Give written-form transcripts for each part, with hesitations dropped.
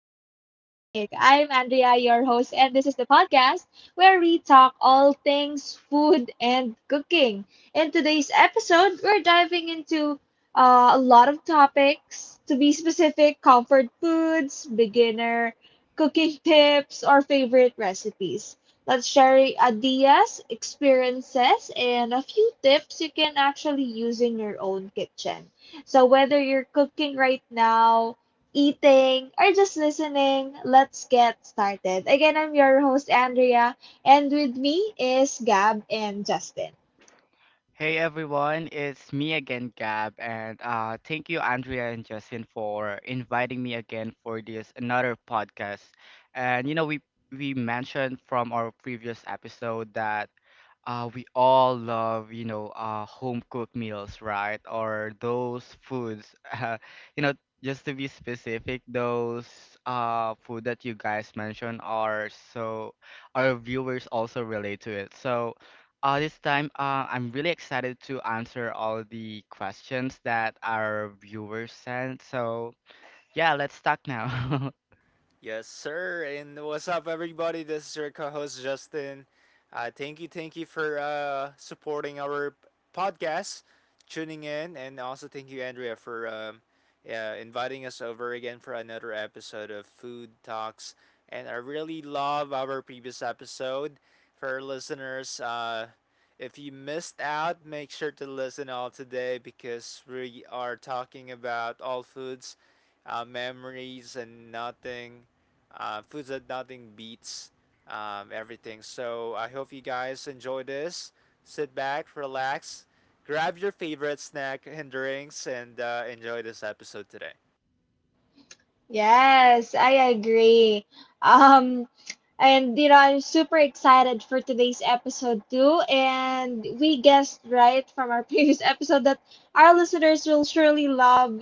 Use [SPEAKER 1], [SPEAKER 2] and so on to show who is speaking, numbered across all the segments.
[SPEAKER 1] I'm Andrea, your host, and this is the podcast where we talk all things food and cooking. In today's episode, we're diving into a lot of topics, to be specific, comfort foods, beginner cooking tips, or favorite recipes. Let's share ideas, experiences, and a few tips you can actually use in your own kitchen. So whether you're cooking right now, eating, or just listening, let's get started. Again, I'm your host Andrea, and with me is Gab and Justin.
[SPEAKER 2] Hey everyone, it's me again, Gab, and thank you, Andrea and Justin, for inviting me again for this another podcast. And you know, we mentioned from our previous episode that we all love, home cooked meals, right? Or those foods, you know, just to be specific, those food that you guys mentioned are so our viewers also relate to it. So this time, I'm really excited to answer all the questions that our viewers sent. So, yeah, let's talk now.
[SPEAKER 3] Yes, sir. And what's up, everybody? This is your co-host Justin. Thank you, thank you for supporting our podcast, tuning in, and also thank you, Andrea, for inviting us over again for another episode of Food Talks. And I really love our previous episode. For our listeners, if you missed out, make sure to listen all today because we are talking about all foods memories and nothing foods that nothing beats, everything. So I hope you guys enjoy this. Sit back, relax, grab your favorite snack and drinks, and enjoy this episode today.
[SPEAKER 1] Yes, I agree. Um and you know, I'm super excited for today's episode too. And we guessed right from our previous episode that our listeners will surely love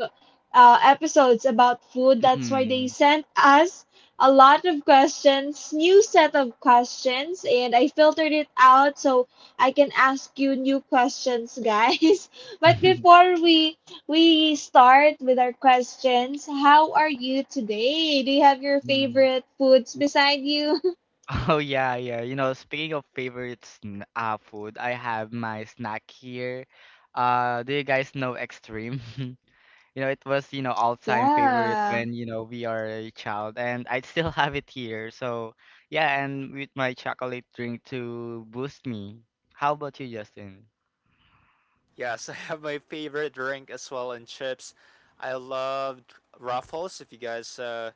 [SPEAKER 1] episodes about food. That's why they
[SPEAKER 2] Mm.
[SPEAKER 1] sent us a lot of questions, new set of questions, and I filtered it out so I can ask you new questions, guys. But before we start with our questions, how are you today? Do you have your
[SPEAKER 2] Mm.
[SPEAKER 1] favorite foods beside you?
[SPEAKER 2] Oh yeah, yeah. You know, speaking of favorite sn food, I have my snack here. Do you guys know Extreme? You know, it was, you know, all-time favorite
[SPEAKER 1] Yeah.
[SPEAKER 2] when, you know, we are a child and I still have it here. So, yeah, and with my chocolate drink to boost me. How about you, Justin?
[SPEAKER 3] Yes, I have my favorite drink as well and chips. I love Ruffles. If you guys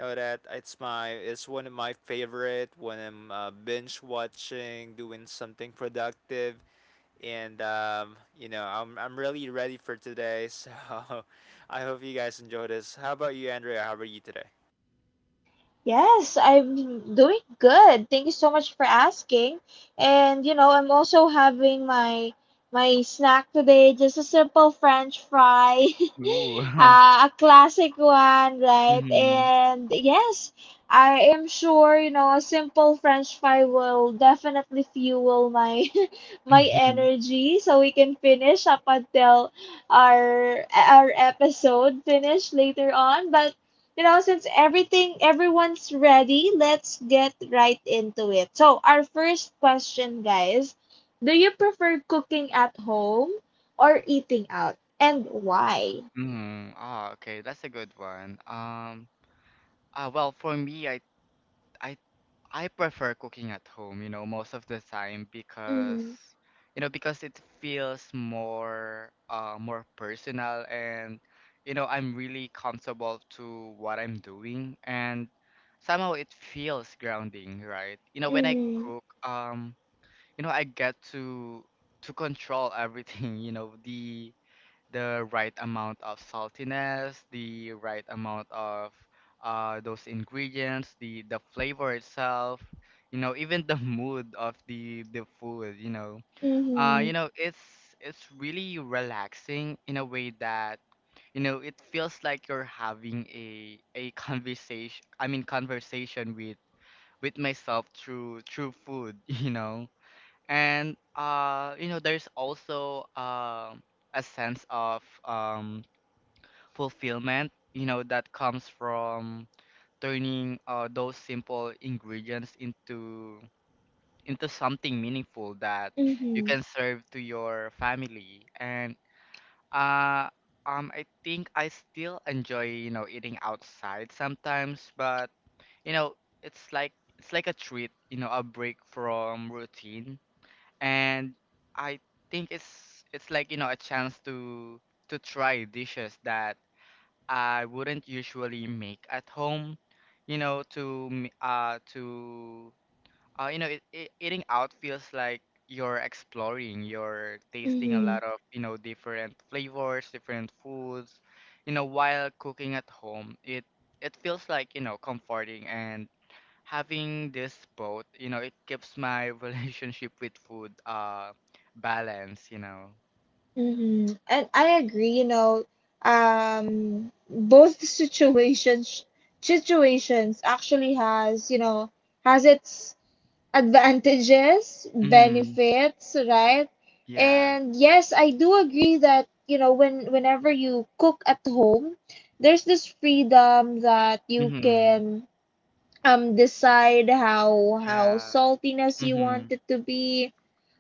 [SPEAKER 3] know that, it's one of my favorite when I'm binge watching, doing something productive. And you know I'm really ready for today. So I hope you guys enjoy this. How about you, Andrea? How are you today?
[SPEAKER 1] Yes, I'm doing good. Thank you so much for asking. And you know, I'm also having my snack today, just a simple French fry,
[SPEAKER 2] Ooh.
[SPEAKER 1] a classic one, right?
[SPEAKER 2] Mm-hmm.
[SPEAKER 1] And yes, I am sure you know a simple French fry will definitely fuel my my
[SPEAKER 2] Mm-hmm.
[SPEAKER 1] energy, so we can finish up until our episode finish later on. But you know, since everything, everyone's ready, let's get right into it. So, our first question, guys, do you prefer cooking at home or eating out, and why?
[SPEAKER 2] Mm-hmm. Ah, okay, that's a good one. For me, I I prefer cooking at home, you know, most of the time because
[SPEAKER 1] Mm-hmm.
[SPEAKER 2] you know because it feels more personal, and you know I'm really comfortable to what I'm doing, and somehow it feels grounding, right? You know, when I
[SPEAKER 1] Mm-hmm.
[SPEAKER 2] cook, you know, I get to control everything, you know, the right amount of saltiness, the right amount of those ingredients, the flavor itself, you know, even the mood of the food, you know. You
[SPEAKER 1] Mm-hmm.
[SPEAKER 2] know, it's really relaxing in a way that, you know, it feels like you're having a conversation, I mean conversation with myself through food, you know. And you know, there's also a sense of fulfillment, you know, that comes from turning those simple ingredients into something meaningful that you
[SPEAKER 1] Mm-hmm.
[SPEAKER 2] can serve to your family. And uh, I think I still enjoy, you know, eating outside sometimes, but you know, it's like a treat, you know, a break from routine. And I think it's like, you know, a chance to try dishes that I wouldn't usually make at home. You know, to m- to you know, eating out feels like you're exploring, you're tasting a
[SPEAKER 1] Mm-hmm.
[SPEAKER 2] lot of, you know, different flavors, different foods. You know, while cooking at home, it feels like, you know, comforting, and having this both, you know, it keeps my relationship with food balance, you know.
[SPEAKER 1] Mm-hmm. And I agree, you know, um, both situations actually has, you know, has its advantages,
[SPEAKER 2] Mm-hmm.
[SPEAKER 1] benefits, right?
[SPEAKER 2] Yeah.
[SPEAKER 1] And yes, I do agree that, you know, whenever you cook at home, there's this freedom that you
[SPEAKER 2] Hmm.
[SPEAKER 1] can decide how
[SPEAKER 2] Yeah.
[SPEAKER 1] saltiness you want
[SPEAKER 2] Mm-hmm.
[SPEAKER 1] it to be,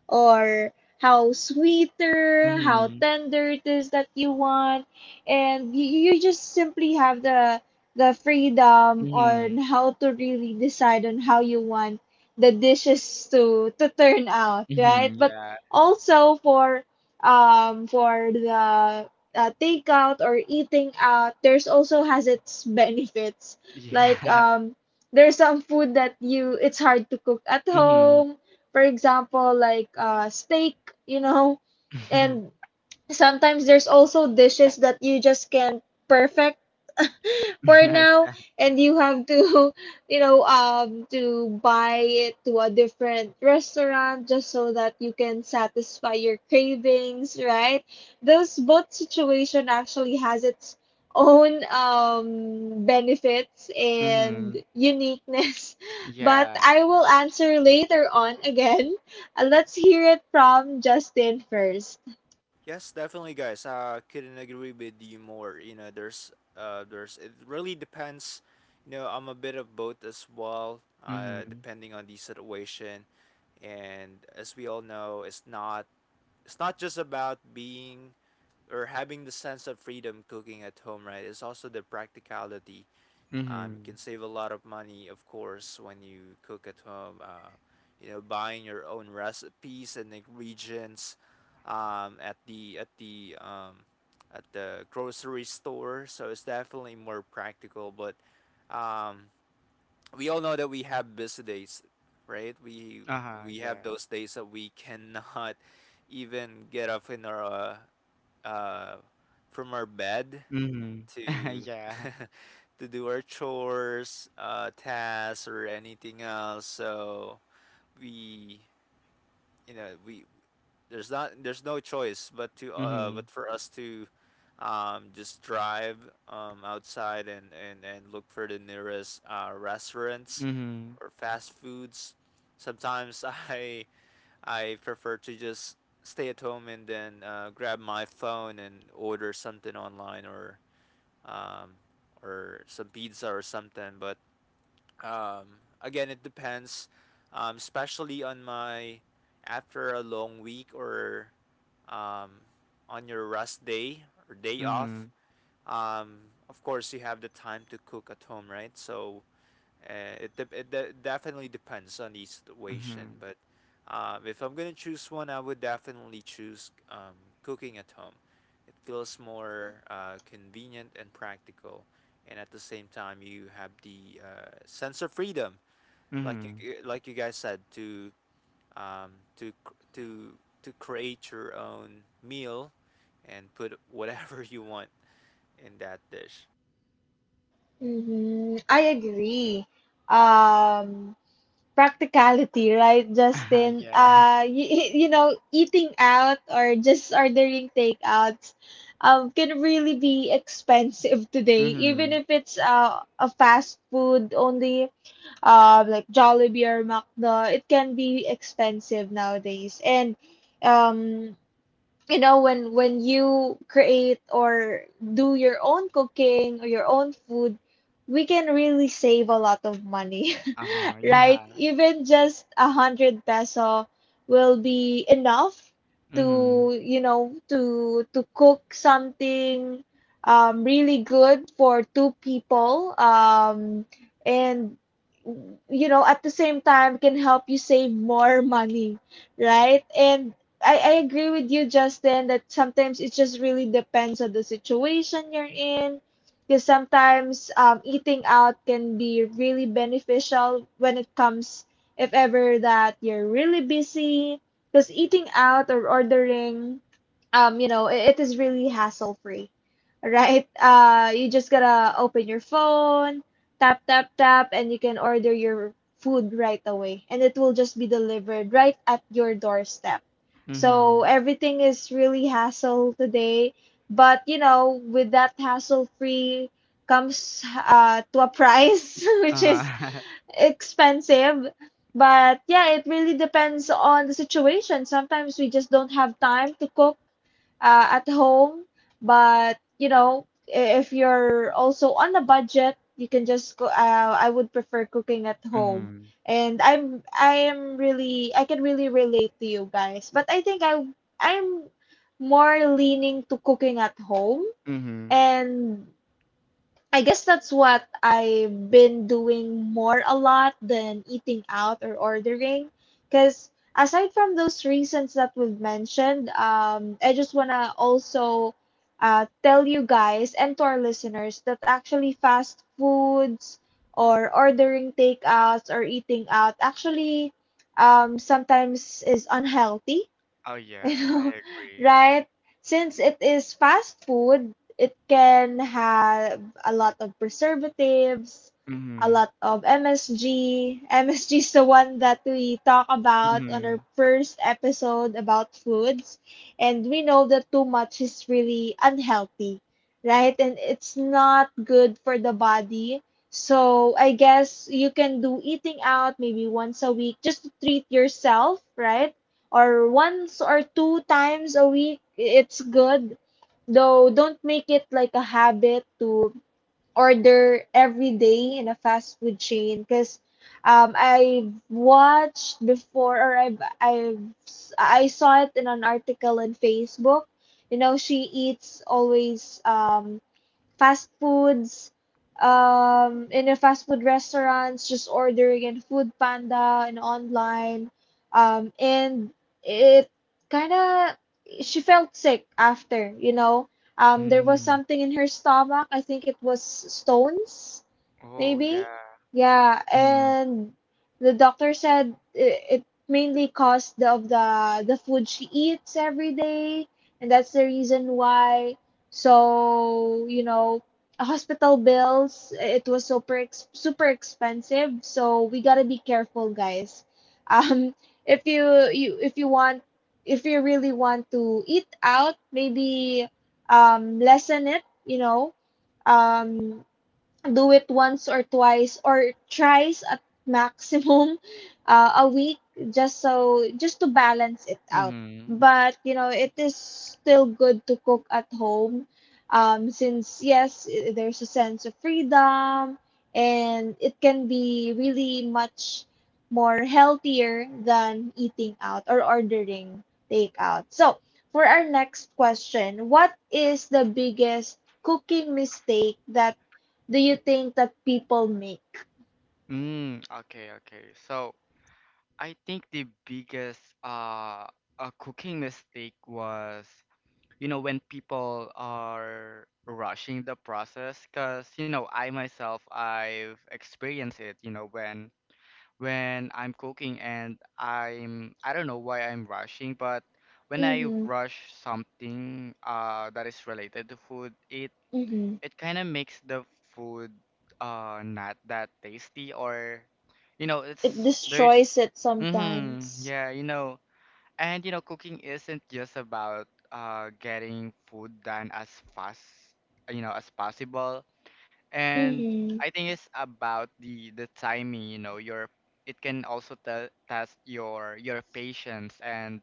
[SPEAKER 1] or how sweeter, how
[SPEAKER 2] Mm-hmm.
[SPEAKER 1] tender it is that you want, and you just simply have the freedom on
[SPEAKER 2] Mhm,
[SPEAKER 1] how to really decide on how you want the dishes to turn out, right?
[SPEAKER 2] mhm,
[SPEAKER 1] But
[SPEAKER 2] yeah,
[SPEAKER 1] also for the takeout or eating out, there's also has its benefits. Like
[SPEAKER 2] yeah,
[SPEAKER 1] there's some food that you it's hard to cook at
[SPEAKER 2] mhm.
[SPEAKER 1] home, for example, like steak, you know, and sometimes there's also dishes that you just can't perfect for
[SPEAKER 2] Nice.
[SPEAKER 1] now, and you have to you know, to buy it to a different restaurant just so that you can satisfy your cravings, right? Those both situation actually has its own benefits and
[SPEAKER 2] Mhm,
[SPEAKER 1] uniqueness. But
[SPEAKER 2] yeah,
[SPEAKER 1] I will answer later on again. Let's hear it from Justin first.
[SPEAKER 3] Yes, definitely, guys. I couldn't agree with you more. You know, there's it really depends. You know, I'm a bit of both as well,
[SPEAKER 2] mhm,
[SPEAKER 3] depending on the situation. And as we all know, it's not just about being or having the sense of freedom cooking at home, right? It's also the practicality. You
[SPEAKER 2] mhm.
[SPEAKER 3] can save a lot of money, of course, when you cook at home. You know, buying your own recipes and ingredients um, at the at the um, at the grocery store. So it's definitely more practical. But um, we all know that we have busy days, right? We
[SPEAKER 2] Uh-huh,
[SPEAKER 3] we
[SPEAKER 2] yeah,
[SPEAKER 3] have those days that we cannot even get up in our uh, uh, from our bed
[SPEAKER 2] mhm.
[SPEAKER 3] to
[SPEAKER 2] Yeah,
[SPEAKER 3] to do our chores, tasks, or anything else. So we, we, there's no choice but to
[SPEAKER 2] mhm,
[SPEAKER 3] but for us to just drive outside and, and look for the nearest restaurants
[SPEAKER 2] mhm,
[SPEAKER 3] or fast foods. Sometimes I I prefer to just stay at home and then grab my phone and order something online um, or some pizza or something. But again, it depends, especially on my after a long week or um, on your rest day or day
[SPEAKER 2] mhm,
[SPEAKER 3] off. Of course, you have the time to cook at home, right? So and it definitely depends on the situation.
[SPEAKER 2] mhm,
[SPEAKER 3] But if I'm gonna choose one, I would definitely choose cooking at home. It feels more convenient and practical, and at the same time, you have the sense of freedom, like
[SPEAKER 2] mhm.
[SPEAKER 3] you guys said, to um, to cr- to to create your own meal and put whatever you want in that dish.
[SPEAKER 1] Hmm, I agree. Um, practicality, right,
[SPEAKER 2] Uh-huh,
[SPEAKER 1] Justin?
[SPEAKER 2] yeah,
[SPEAKER 1] You know, eating out or just ordering takeouts can really be expensive today, even
[SPEAKER 2] mhm.
[SPEAKER 1] if it's a fast food only, like Jollibee or McDo, it can be expensive nowadays. And, um, you know, when you create or do your own cooking or your own food, we can really save a lot of money.
[SPEAKER 2] Uh-huh,
[SPEAKER 1] Right?
[SPEAKER 2] yeah,
[SPEAKER 1] Even just a hundred peso will be enough
[SPEAKER 2] mhm,
[SPEAKER 1] to, you know, to cook something really good for two people. And you know, at the same time can help you save more money, right? And I agree with you, Justin, that sometimes it just really depends on the situation you're in, because sometimes eating out can be really beneficial when it comes, if ever that you're really busy. Because eating out or ordering, you know, it is really hassle free, right? You just gotta open your phone, tap, tap, tap, and you can order your food right away. And it will just be delivered right at your doorstep. So
[SPEAKER 2] mhm.
[SPEAKER 1] everything is really hassle today, but you know, with that hassle-free comes to a price which is
[SPEAKER 2] Uh-huh,
[SPEAKER 1] expensive. But yeah, it really depends on the situation. Sometimes we just don't have time to cook at home. But you know, I- if you're also on a budget, you can just go. I would prefer cooking at home.
[SPEAKER 2] mhm,
[SPEAKER 1] And I can really relate to you guys. But I think I'm more leaning to cooking at home.
[SPEAKER 2] mhm.
[SPEAKER 1] And I guess that's what I've been doing more a lot than eating out or ordering. Because aside from those reasons that we've mentioned, I just want to also tell you guys and to our listeners that actually fast foods or ordering takeouts or eating out actually sometimes is unhealthy.
[SPEAKER 2] Oh,
[SPEAKER 1] You
[SPEAKER 2] yeah,
[SPEAKER 1] know,
[SPEAKER 2] I agree.
[SPEAKER 1] right? Since it is fast food, it can have a lot of preservatives, a
[SPEAKER 2] Mhm,
[SPEAKER 1] lot of MSG. MSG is the one that we talk about on our
[SPEAKER 2] mhm,
[SPEAKER 1] first episode about foods. And we know that too much is really unhealthy, right? And it's not good for the body. So I guess you can do eating out maybe once a week just to treat yourself, right? Or once or two times a week it's good, though don't make it like a habit to order every day in a fast food chain, because I've watched before, or I've I saw it in an article on Facebook. You know, she eats always fast foods, in a fast food restaurants, just ordering in Food Panda and online. And it kind of, she felt sick after, you know. There was
[SPEAKER 2] mhm.
[SPEAKER 1] something in her stomach. I think it was stones
[SPEAKER 2] Oh, yeah,
[SPEAKER 1] maybe. Yeah,
[SPEAKER 2] mhm,
[SPEAKER 1] and the doctor said it, it mainly caused the, of the food she eats every day, and that's the reason why. So, you know, hospital bills, it was super expensive, so we gotta be careful, guys. Um, if you want if you really want to eat out, maybe lessen it, you know. Um, do it once or twice or thrice at maximum a week, just just to balance it out.
[SPEAKER 2] mhm.
[SPEAKER 1] But you know, it is still good to cook at home, since yes, there's a sense of freedom, and it can be really much more healthier than eating out or ordering takeout. So, for our next question, what is the biggest cooking mistake that do you think that people make?
[SPEAKER 2] Mm, okay, okay. So I think the biggest cooking mistake was, you know, when people are rushing the process, 'cause, you know, I myself I've experienced it, you know, when I'm cooking and I'm I don't know why I'm rushing, but when I
[SPEAKER 1] Mm-hmm.
[SPEAKER 2] rush something that is related to food, it
[SPEAKER 1] Mm-hmm.
[SPEAKER 2] it kind of makes the food not that tasty, or you know
[SPEAKER 1] It
[SPEAKER 2] it's there's
[SPEAKER 1] destroys it
[SPEAKER 2] mm-hmm
[SPEAKER 1] sometimes.
[SPEAKER 2] yeah you know. And you know cooking isn't just about getting food done as fast, you know, as possible. And
[SPEAKER 1] Mm-hmm.
[SPEAKER 2] I think it's about the timing, you know, your it can also test your patience and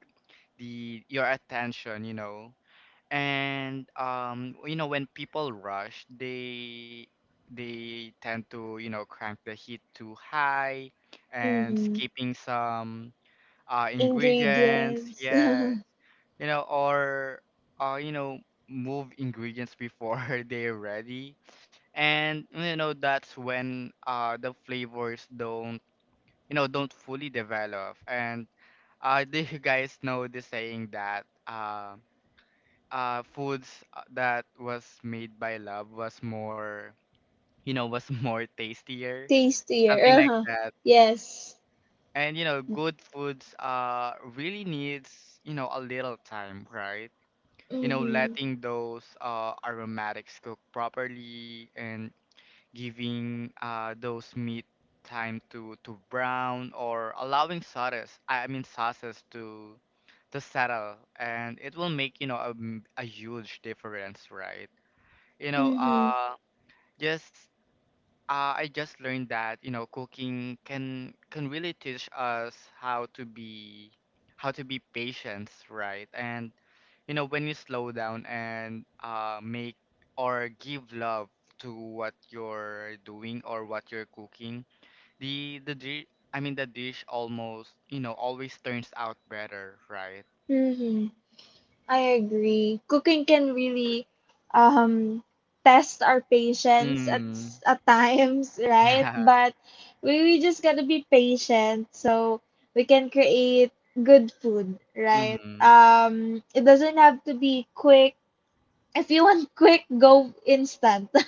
[SPEAKER 2] the your attention, you know. And um, you know, when people rush, they tend to, you know, crank the heat too high and
[SPEAKER 1] Mm-hmm.
[SPEAKER 2] skipping some ingredients,
[SPEAKER 1] Ingredients.
[SPEAKER 2] yeah, you know, or you know move ingredients before they're ready. And you know that's when the flavors don't, you know, don't fully develop. And do you guys know the saying that uh? Foods that was made by love was more, you know, was more tastier,
[SPEAKER 1] Tastier.
[SPEAKER 2] something like
[SPEAKER 1] Uh-huh.
[SPEAKER 2] that.
[SPEAKER 1] Yes.
[SPEAKER 2] And you know good foods really needs, you know, a little time, right? You know,
[SPEAKER 1] Mm-hmm.
[SPEAKER 2] letting those aromatics cook properly, and giving those meat time to brown, or allowing sauces I mean sauces to settle, and it will make, you know, a huge difference, right? you know,
[SPEAKER 1] Mm-hmm.
[SPEAKER 2] just I just learned that, you know, cooking can really teach us how to be patient, right? And you know, when you slow down and make or give love to what you're doing or what you're cooking, the di I mean the dish almost, you know, always turns out better, right?
[SPEAKER 1] Mm-hmm. I agree. Cooking can really um test our patience at
[SPEAKER 2] Mm.
[SPEAKER 1] at times, right?
[SPEAKER 2] Yeah.
[SPEAKER 1] But we just gotta be patient so we can create good food, right?
[SPEAKER 2] Mm-hmm.
[SPEAKER 1] It doesn't have to be quick. If you want quick, go instant.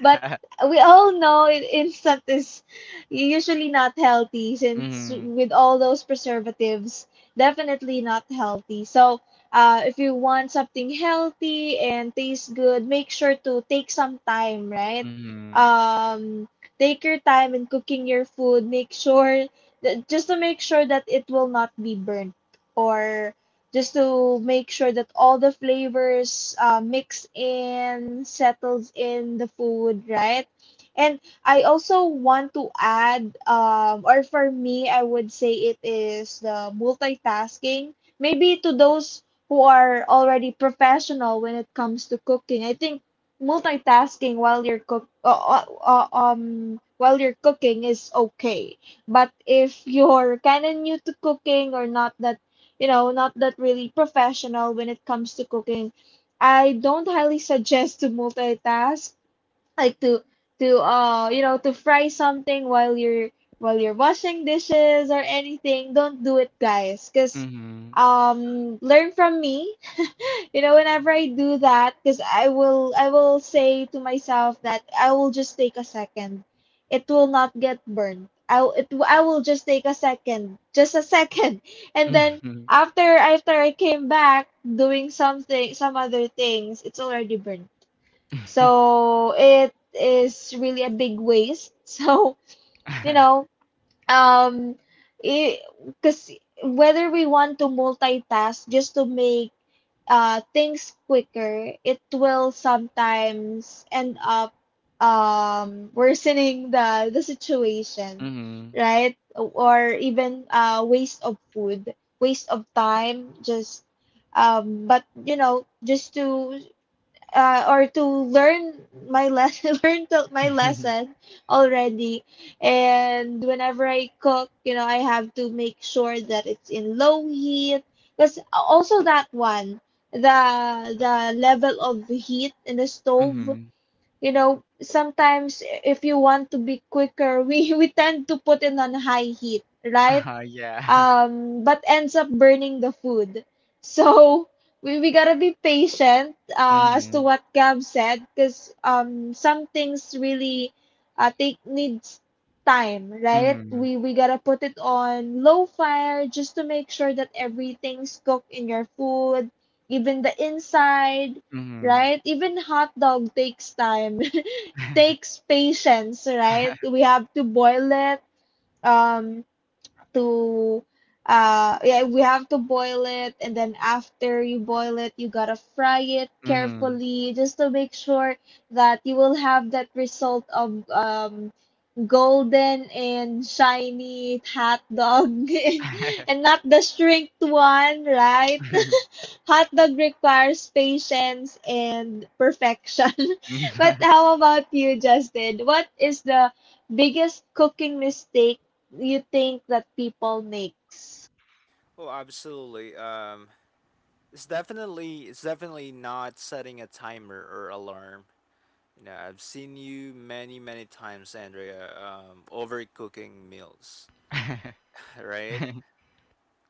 [SPEAKER 1] But we all know instant is usually not healthy since
[SPEAKER 2] Mm-hmm.
[SPEAKER 1] with all those preservatives, definitely not healthy. So, if you want something healthy and tastes good, make sure to take some time, right?
[SPEAKER 2] Mm-hmm.
[SPEAKER 1] Um, take your time in cooking your food. Make sure just to make sure that it will not be burnt, or just to make sure that all the flavors mix in, settles in the food, right? And I also want to add, or for me, I would say it is the multitasking. Maybe to those who are already professional when it comes to cooking, I think multitasking while you're while you're cooking is okay. But if you're kind of new to cooking, or not that, you know, not that really professional when it comes to cooking, I don't highly suggest to multitask, like to you know, to fry something while you're, while you're washing dishes or anything. Don't do it, guys, because
[SPEAKER 2] Mm-hmm.
[SPEAKER 1] learn from me. You know, whenever I do that, because I will say to myself that I will just take a second, it will not get burned, I will just take a second, just a second, and then
[SPEAKER 2] Mhm.
[SPEAKER 1] after I came back doing something, some other things, it's already burned. So it is really a big waste. So you know, um, because whether we want to multitask just to make things quicker, it will sometimes end up worsening the situation,
[SPEAKER 2] Mhm.
[SPEAKER 1] right? Or even waste of food, waste of time, just but you know, just to or to learn my lesson, my lesson already. And whenever I cook, you know, I have to make sure that it's in low heat, because also that one, the level of heat in the stove,
[SPEAKER 2] Mhm.
[SPEAKER 1] you know, sometimes if you want to be quicker, we tend to put it on high heat, right?
[SPEAKER 2] Ah, yeah.
[SPEAKER 1] But ends up burning the food. So we gotta be patient, as to
[SPEAKER 2] Mhm.
[SPEAKER 1] what Gab said, because some things really take needs time, right?
[SPEAKER 2] Mhm.
[SPEAKER 1] We gotta put it on low fire just to make sure that everything's cooked in your food, even the inside,
[SPEAKER 2] Mhm.
[SPEAKER 1] right? Even hot dog takes time, takes patience, right? We have to boil it. Um, to yeah, we have to boil it, and then after you boil it you gotta fry it
[SPEAKER 2] Mhm.
[SPEAKER 1] carefully just to make sure that you will have that result of golden and shiny hot dog and not the shrinked one, right? Hot dog requires patience and perfection.
[SPEAKER 2] Mhm.
[SPEAKER 1] But
[SPEAKER 2] Mhm.
[SPEAKER 1] how about you, Justin? What is the biggest cooking mistake you think that people makes?
[SPEAKER 3] Oh, absolutely. It's definitely not setting a timer or alarm. You know, I've seen you many many times, Andrea, overcooking meals. Right?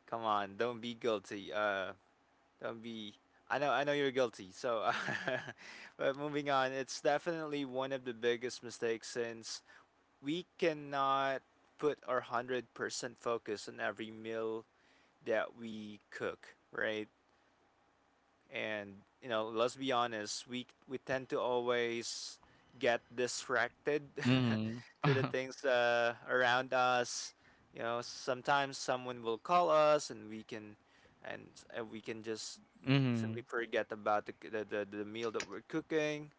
[SPEAKER 3] Come on, don't be guilty. Don't be. I know you're guilty. So, but moving on, it's definitely one of the biggest mistakes since we cannot put our 100% focus on every meal that we cook. Right? And you know let's be honest, we tend to always get distracted
[SPEAKER 2] Mhm.
[SPEAKER 3] to the things around us. You know, sometimes someone will call us and and, we can just simply forget about the meal that we're cooking.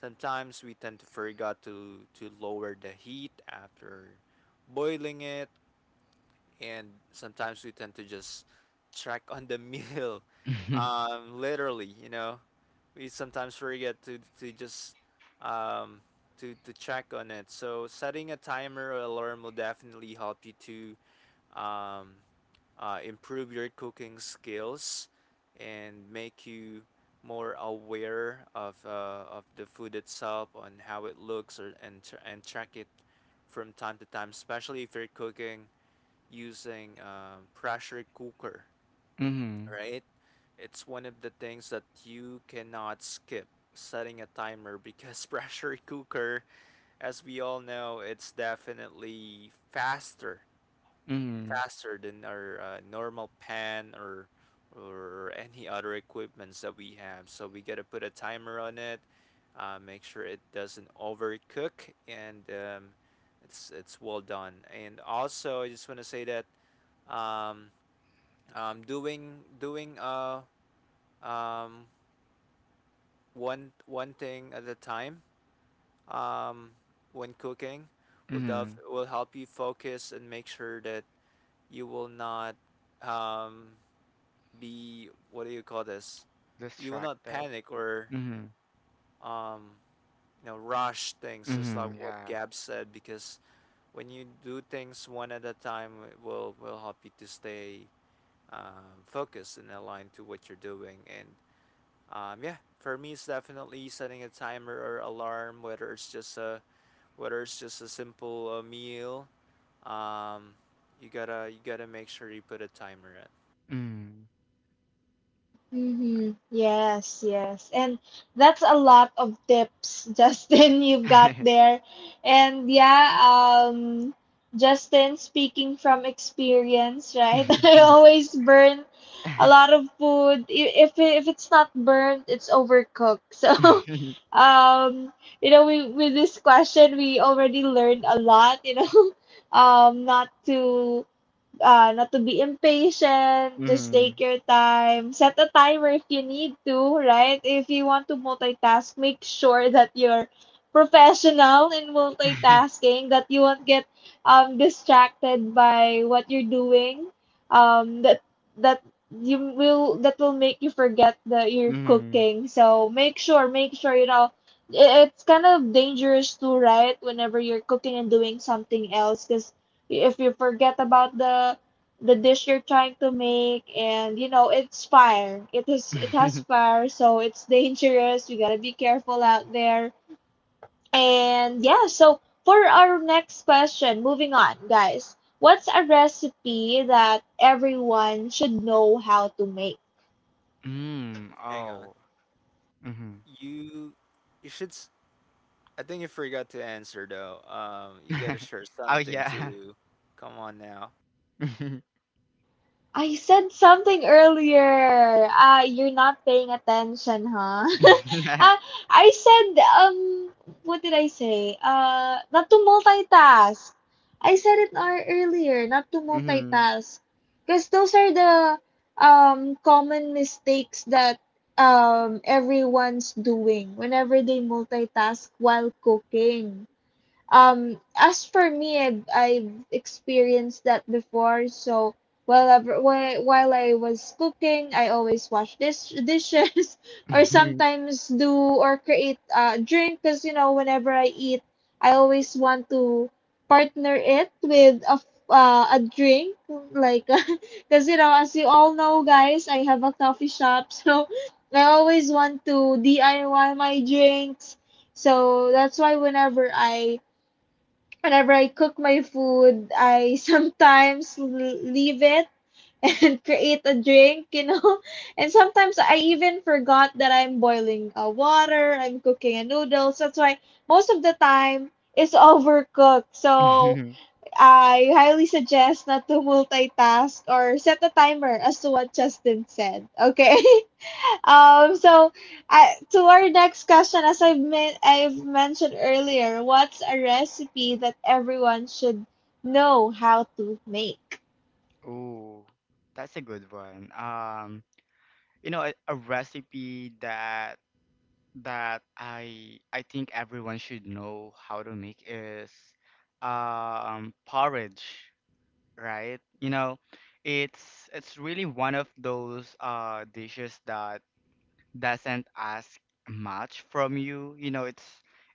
[SPEAKER 3] Sometimes we tend to forget to lower the heat after boiling it, and sometimes we tend to just track on the meal,
[SPEAKER 2] Mhm. Mhm.
[SPEAKER 3] literally. You know, we sometimes forget to just um to check on it. So setting a timer or alarm will definitely help you to um improve your cooking skills and make you more aware of the food itself, on how it looks, and track it from time to time, especially if you're cooking using pressure cooker, right? It's one of the things that you cannot skip setting a timer, because pressure cooker, as we all know, it's definitely faster, faster than our normal pan or any other equipments that we have. So we gotta put a timer on it, make sure it doesn't overcook, and it's well done. And also, I just wanna say that um, doing doing um one thing at a time um when cooking will help you focus and make sure that you will not um be what do you call this, you will not
[SPEAKER 2] Distracted.
[SPEAKER 3] panic or
[SPEAKER 2] Mhm.
[SPEAKER 3] um you know rush things, just like
[SPEAKER 2] Mhm.
[SPEAKER 3] what
[SPEAKER 2] Yeah.
[SPEAKER 3] Gab said, because when you do things one at a time, it will help you to stay focused and aligned to what you're doing. And um, yeah, for me, it's definitely setting a timer or alarm, whether it's just a simple meal. Um, you gotta make sure you put a timer in.
[SPEAKER 2] Mhm.
[SPEAKER 1] Mm-hmm. Yes, yes. And that's a lot of tips, Justin, you've got
[SPEAKER 2] Mhm.
[SPEAKER 1] there. And yeah, Justin, speaking from experience, right? I
[SPEAKER 2] Mhm.
[SPEAKER 1] always burn a lot of food. If it's not burnt, it's overcooked. So, um, you know, we with this question, we already learned a lot, you know, not to not to be impatient, just take your time. Set a timer if you need to, right? If you want to multitask, make sure that you're professional in multitasking, that you won't get distracted by what you're doing. Um, that that you will, that will make you forget that you're
[SPEAKER 2] Mm.
[SPEAKER 1] cooking. So make sure you know. It's kind of dangerous too, right? Whenever you're cooking and doing something else, because if you forget about the dish you're trying to make, and you know it's fire, it has fire, so it's dangerous, we gotta be careful out there. And yeah, so for our next question, moving on, guys, what's a recipe that everyone should know how to make?
[SPEAKER 2] Mm.
[SPEAKER 3] Hang on,
[SPEAKER 2] Oh. Mhm.
[SPEAKER 3] you you should. s- I think you forgot to answer though. You gotta share
[SPEAKER 2] Oh,
[SPEAKER 3] something
[SPEAKER 2] yeah.
[SPEAKER 3] too. Come on now.
[SPEAKER 2] Mhm.
[SPEAKER 1] I said something earlier. You're not paying attention, huh? uh, I said, what did I say? Not to multitask. I said it earlier, not to
[SPEAKER 2] Mhm.
[SPEAKER 1] multitask. Because those are the common mistakes that everyone's doing whenever they multitask while cooking. As for me, I've experienced that before. So while I was cooking, I always wash dishes or sometimes do or create a drink, because you know, whenever I eat, I always want to partner it with a a drink, like because you know, as you all know, guys, I have a coffee shop, so I always want to DIY my drinks. So that's why whenever I cook my food, I sometimes leave it and create a drink, you know. And sometimes I even forgot that I'm boiling water, I'm cooking a noodles. That's why most of the time it's overcooked. So
[SPEAKER 2] Mhm.
[SPEAKER 1] I highly suggest not to multitask or set a timer, as to what Justin said. Okay? Um, so to our next question, as I've mentioned earlier, what's a recipe that everyone should know how to make?
[SPEAKER 2] Ooh, that's a good one. You know, a recipe that that I think everyone should know how to make is porridge, right? You know, it's really one of those dishes that doesn't ask much from you, you know. it's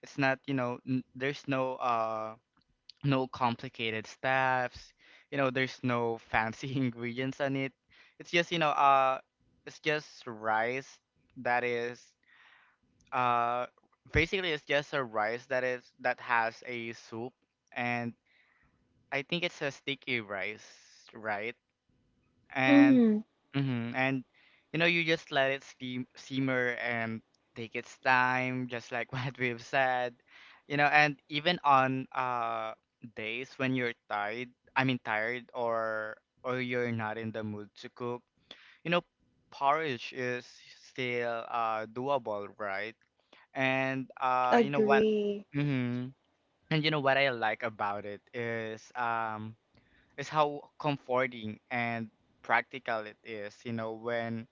[SPEAKER 2] it's not, you know, there's no no complicated stuffs, you know, there's no fancy ingredients on it. It's just, you know, it's just rice that is uh basically it's just a rice that is that has a soup. And I think it's a sticky rice, right? And
[SPEAKER 1] Mm-hmm.
[SPEAKER 2] hmm and you know you just let it steam simmer and take its time, just like what we've said, you know. And even on days when you're tired, I mean tired or or you're not in the mood to cook, you know, porridge is still doable, right? And you know what,
[SPEAKER 1] Agree.
[SPEAKER 2] hmm, and you know what I like about it is how comforting and practical it is, you know. When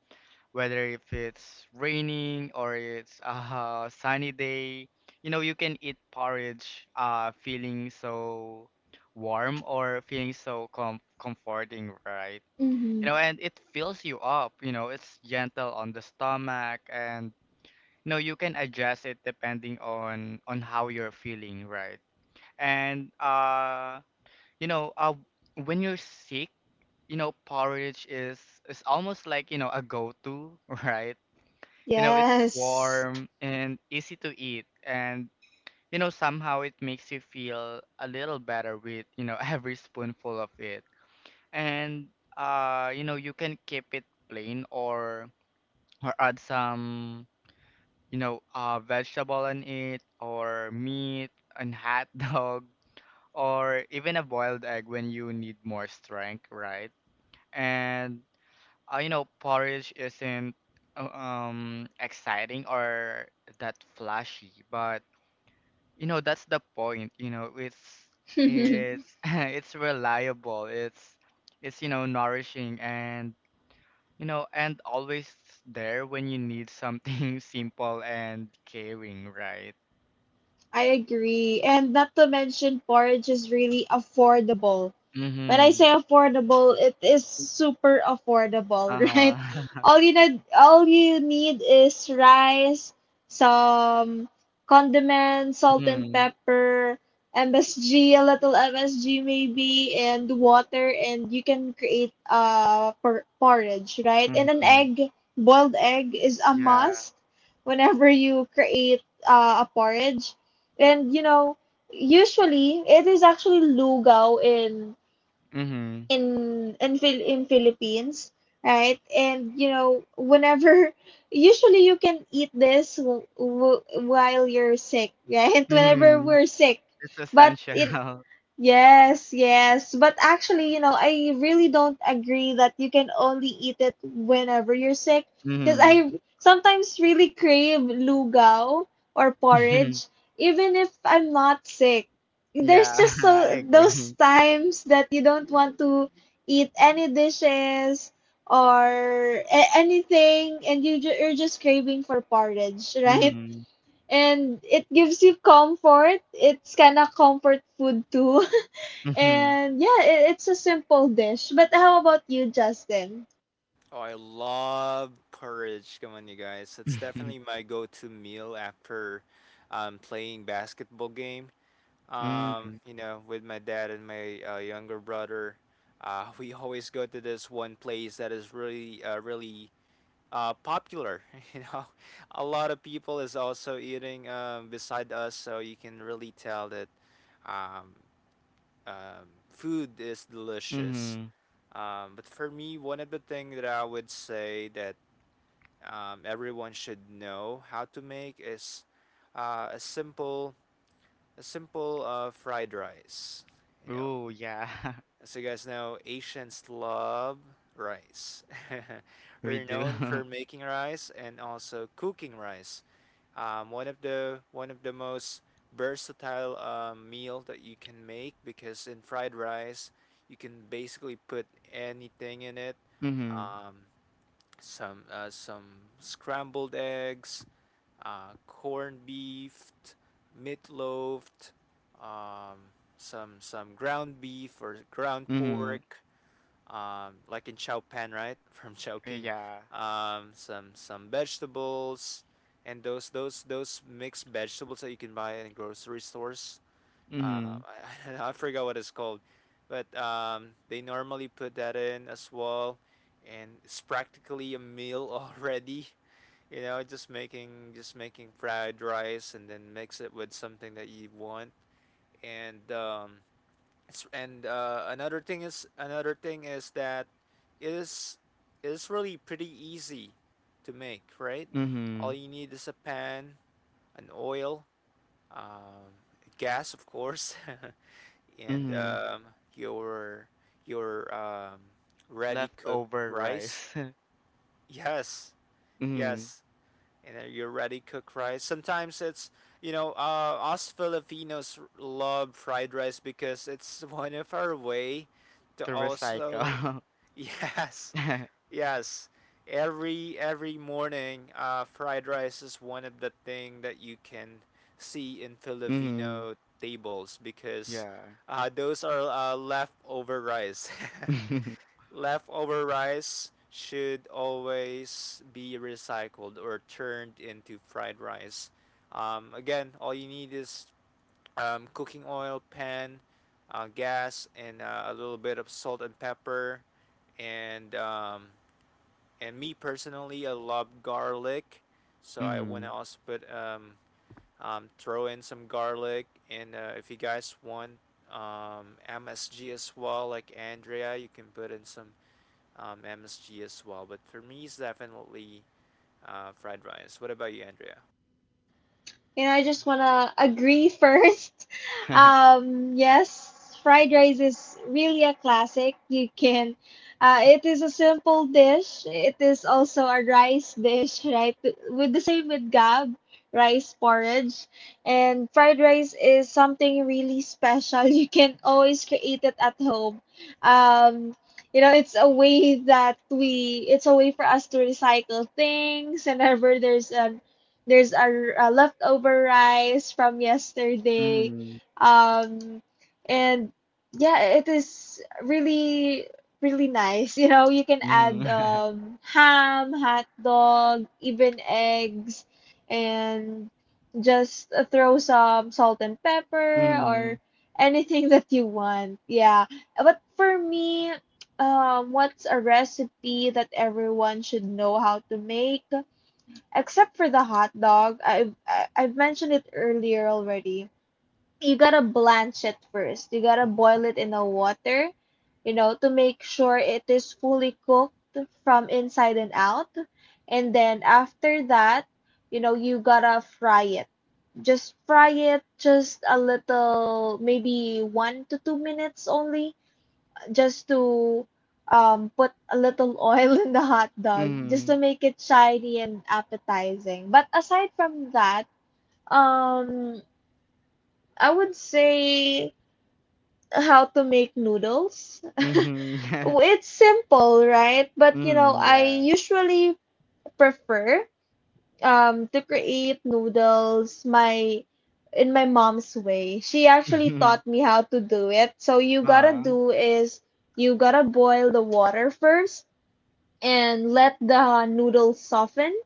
[SPEAKER 2] whether if it's raining or it's a sunny day, you know, you can eat porridge feeling so warm, or feeling so comforting, right?
[SPEAKER 1] Mm-hmm.
[SPEAKER 2] You know, and it fills you up, you know, it's gentle on the stomach. And you know you can adjust it depending on how you're feeling, right? And you know when you're sick, you know, porridge is almost like, you know, a go-to, right? You know, it's
[SPEAKER 1] Yes.
[SPEAKER 2] warm and easy to eat. And you know, somehow it makes you feel a little better with, you know, every spoonful of it. And you know, you can keep it plain, or add some, you know, vegetable in it, or meat, and hot dog, or even a boiled egg when you need more strength, right? And you know, porridge isn't exciting or that flashy, but you know, that's the point. You know, it's it's it's reliable. It's, you know, nourishing, and you know, and always there when you need something simple and caring, right?
[SPEAKER 1] I agree. And not to mention, porridge is really affordable. When I
[SPEAKER 2] Mm-hmm.
[SPEAKER 1] say affordable, it is super affordable, right?
[SPEAKER 2] Uh-huh.
[SPEAKER 1] All you need, all you need is rice, some condiments, salt and
[SPEAKER 2] Mm-hmm.
[SPEAKER 1] pepper, MSG, a little MSG maybe, and water, and you can create porridge, right? And an
[SPEAKER 2] Mm-hmm.
[SPEAKER 1] egg, boiled egg is a
[SPEAKER 2] Yeah.
[SPEAKER 1] must whenever you create a porridge. And you know, usually it is actually lugaw in
[SPEAKER 2] Mm-hmm.
[SPEAKER 1] in in Phil in Philippines, right? And you know, whenever usually you can eat this while you're sick, right? Whenever
[SPEAKER 2] Mm-hmm.
[SPEAKER 1] we're sick,
[SPEAKER 2] It's
[SPEAKER 1] but in
[SPEAKER 2] essential.
[SPEAKER 1] yes, yes. But actually, you know, I really don't agree that you can only eat it whenever you're sick. Because
[SPEAKER 2] Mm-hmm.
[SPEAKER 1] I sometimes really crave lugaw or porridge, even if I'm not sick. There's
[SPEAKER 2] Yeah,
[SPEAKER 1] just
[SPEAKER 2] I
[SPEAKER 1] so those
[SPEAKER 2] agree.
[SPEAKER 1] times that you don't want to eat any dishes or anything, and you're just craving for porridge, right?
[SPEAKER 2] Mm.
[SPEAKER 1] And it gives you comfort. It's kind of comfort food too.
[SPEAKER 2] Mhm.
[SPEAKER 1] And yeah, it's a simple dish. But how about you, Justin?
[SPEAKER 3] Oh, I love porridge. Come on, you guys. It's definitely my go-to meal after playing basketball game.
[SPEAKER 2] Mm.
[SPEAKER 3] You know, with my dad and my younger brother, we always go to this one place that is really, really popular. You know, a lot of people is also eating beside us, so you can really tell that um, food is delicious.
[SPEAKER 2] Mhm.
[SPEAKER 3] But for me, one of the things that I would say that everyone should know how to make is uh, a simple, a simple fried rice. You know,
[SPEAKER 2] Ooh, yeah.
[SPEAKER 3] so you guys know, Asian Slav rice
[SPEAKER 2] We
[SPEAKER 3] are
[SPEAKER 2] do.
[SPEAKER 3] known for making rice and also cooking rice. One of the most versatile meal that you can make, because in fried rice you can basically put anything in it.
[SPEAKER 2] Mhm.
[SPEAKER 3] Um, some scrambled eggs, corned beef, meatloaf, um, some ground beef or ground
[SPEAKER 2] Mhm.
[SPEAKER 3] pork, like in Chao Pan, right, from Chowking,
[SPEAKER 2] Yeah.
[SPEAKER 3] some vegetables, and those mixed vegetables that you can buy in grocery stores.
[SPEAKER 2] Mhm.
[SPEAKER 3] I forgot what it's called, but they normally put that in as well, and it's practically a meal already. You know, just making fried rice and then mix it with something that you want, and another thing is that it is it is really pretty easy to make, right? All
[SPEAKER 2] Mhm.
[SPEAKER 3] you need is a pan, an oil, um, gas of course, and
[SPEAKER 2] Mhm.
[SPEAKER 3] your your ready cooked
[SPEAKER 2] Leftover
[SPEAKER 3] rice.
[SPEAKER 2] rice.
[SPEAKER 3] Yes,
[SPEAKER 2] Mhm.
[SPEAKER 3] yes. And then you're ready cook rice. Sometimes it's, you know, us Filipinos love fried rice because it's one of our way to
[SPEAKER 2] To
[SPEAKER 3] also
[SPEAKER 2] recycle.
[SPEAKER 3] yes, yes. Every morning, fried rice is one of the thing that you can see in
[SPEAKER 2] Mhm.
[SPEAKER 3] Filipino tables because
[SPEAKER 2] Yeah.
[SPEAKER 3] those are leftover rice. Leftover rice should always be recycled or turned into fried rice. Again, all you need is cooking oil, pan, gas, and a little bit of salt and pepper. And me personally, I love garlic, so I want
[SPEAKER 2] Mhm.
[SPEAKER 3] to also put throw in some garlic. And if you guys want MSG as well, like Andrea, you can put in some MSG as well. But for me, it's definitely fried rice. What about you, Andrea?
[SPEAKER 1] You know, I just wanna agree first. Yes, fried rice is really a classic. You can, it is a simple dish. It is also a rice dish, right? With the same with Gab, rice porridge, and fried rice is something really special. You can always create it at home. Um, you know, it's a way that we, it's a way for us to recycle things. Whenever there's an there's a, r- a leftover rice from yesterday.
[SPEAKER 2] Mhm.
[SPEAKER 1] Um, and yeah, it is really, really nice. You know, you can add
[SPEAKER 2] Mhm.
[SPEAKER 1] ham, hot dog, even eggs, and just throw some salt and
[SPEAKER 2] Mhm.
[SPEAKER 1] pepper or
[SPEAKER 2] Mhm.
[SPEAKER 1] anything that you want. Yeah. But for me, what's a recipe that everyone should know how to make? Except for the hot dog, I've mentioned it earlier already. You gotta blanch it first. You gotta boil it in the water, you know, to make sure it is fully cooked from inside and out. And then after that, you know, you gotta fry it. Just fry it just a little, maybe 1 to 2 minutes only, just to put a little oil in the hot dog just to
[SPEAKER 2] Mhm.
[SPEAKER 1] make it shiny and appetizing. But aside from that, um, I would say how to make noodles.
[SPEAKER 2] Mhm.
[SPEAKER 1] W- It's simple, right? But you know, I
[SPEAKER 2] Yeah.
[SPEAKER 1] usually prefer to create noodles my in my mom's way. She actually
[SPEAKER 2] Mhm.
[SPEAKER 1] taught me how to do it. So you gotta
[SPEAKER 2] Ah.
[SPEAKER 1] do is you gotta boil the water first and let the noodles soften.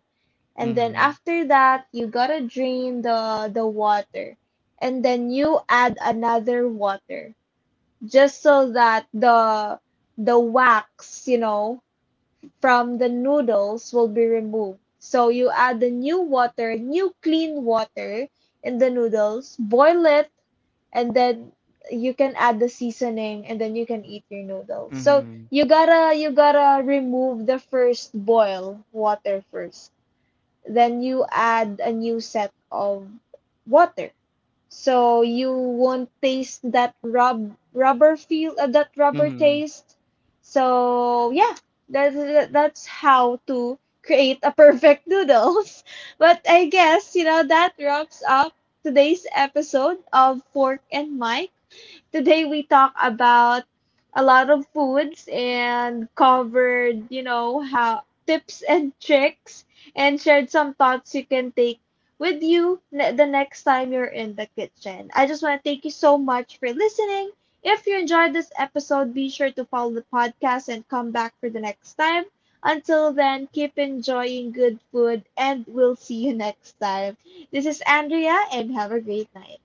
[SPEAKER 1] And then
[SPEAKER 2] Mhm.
[SPEAKER 1] after that, you gotta drain the water, and then you add another water, just so that the wax, you know, from the noodles will be removed. So you add the new water, new clean water in the noodles, boil it, and then you can add the seasoning, and then you can eat your noodles. So
[SPEAKER 2] Mhm,
[SPEAKER 1] you gotta remove the first boil water first. Then you add a new set of water. So you won't taste that rubber feel, that rubber
[SPEAKER 2] mhm.
[SPEAKER 1] taste. So yeah, that's how to create a perfect noodles. But I guess you know that wraps up today's episode of Fork and Mike. Today we talk about a lot of foods and covered, you know, how tips and tricks, and shared some thoughts you can take with you the next time you're in the kitchen. I just want to thank you so much for listening. If you enjoyed this episode, be sure to follow the podcast and come back for the next time. Until then, keep enjoying good food, and we'll see you next time. This is Andrea, and have a great night.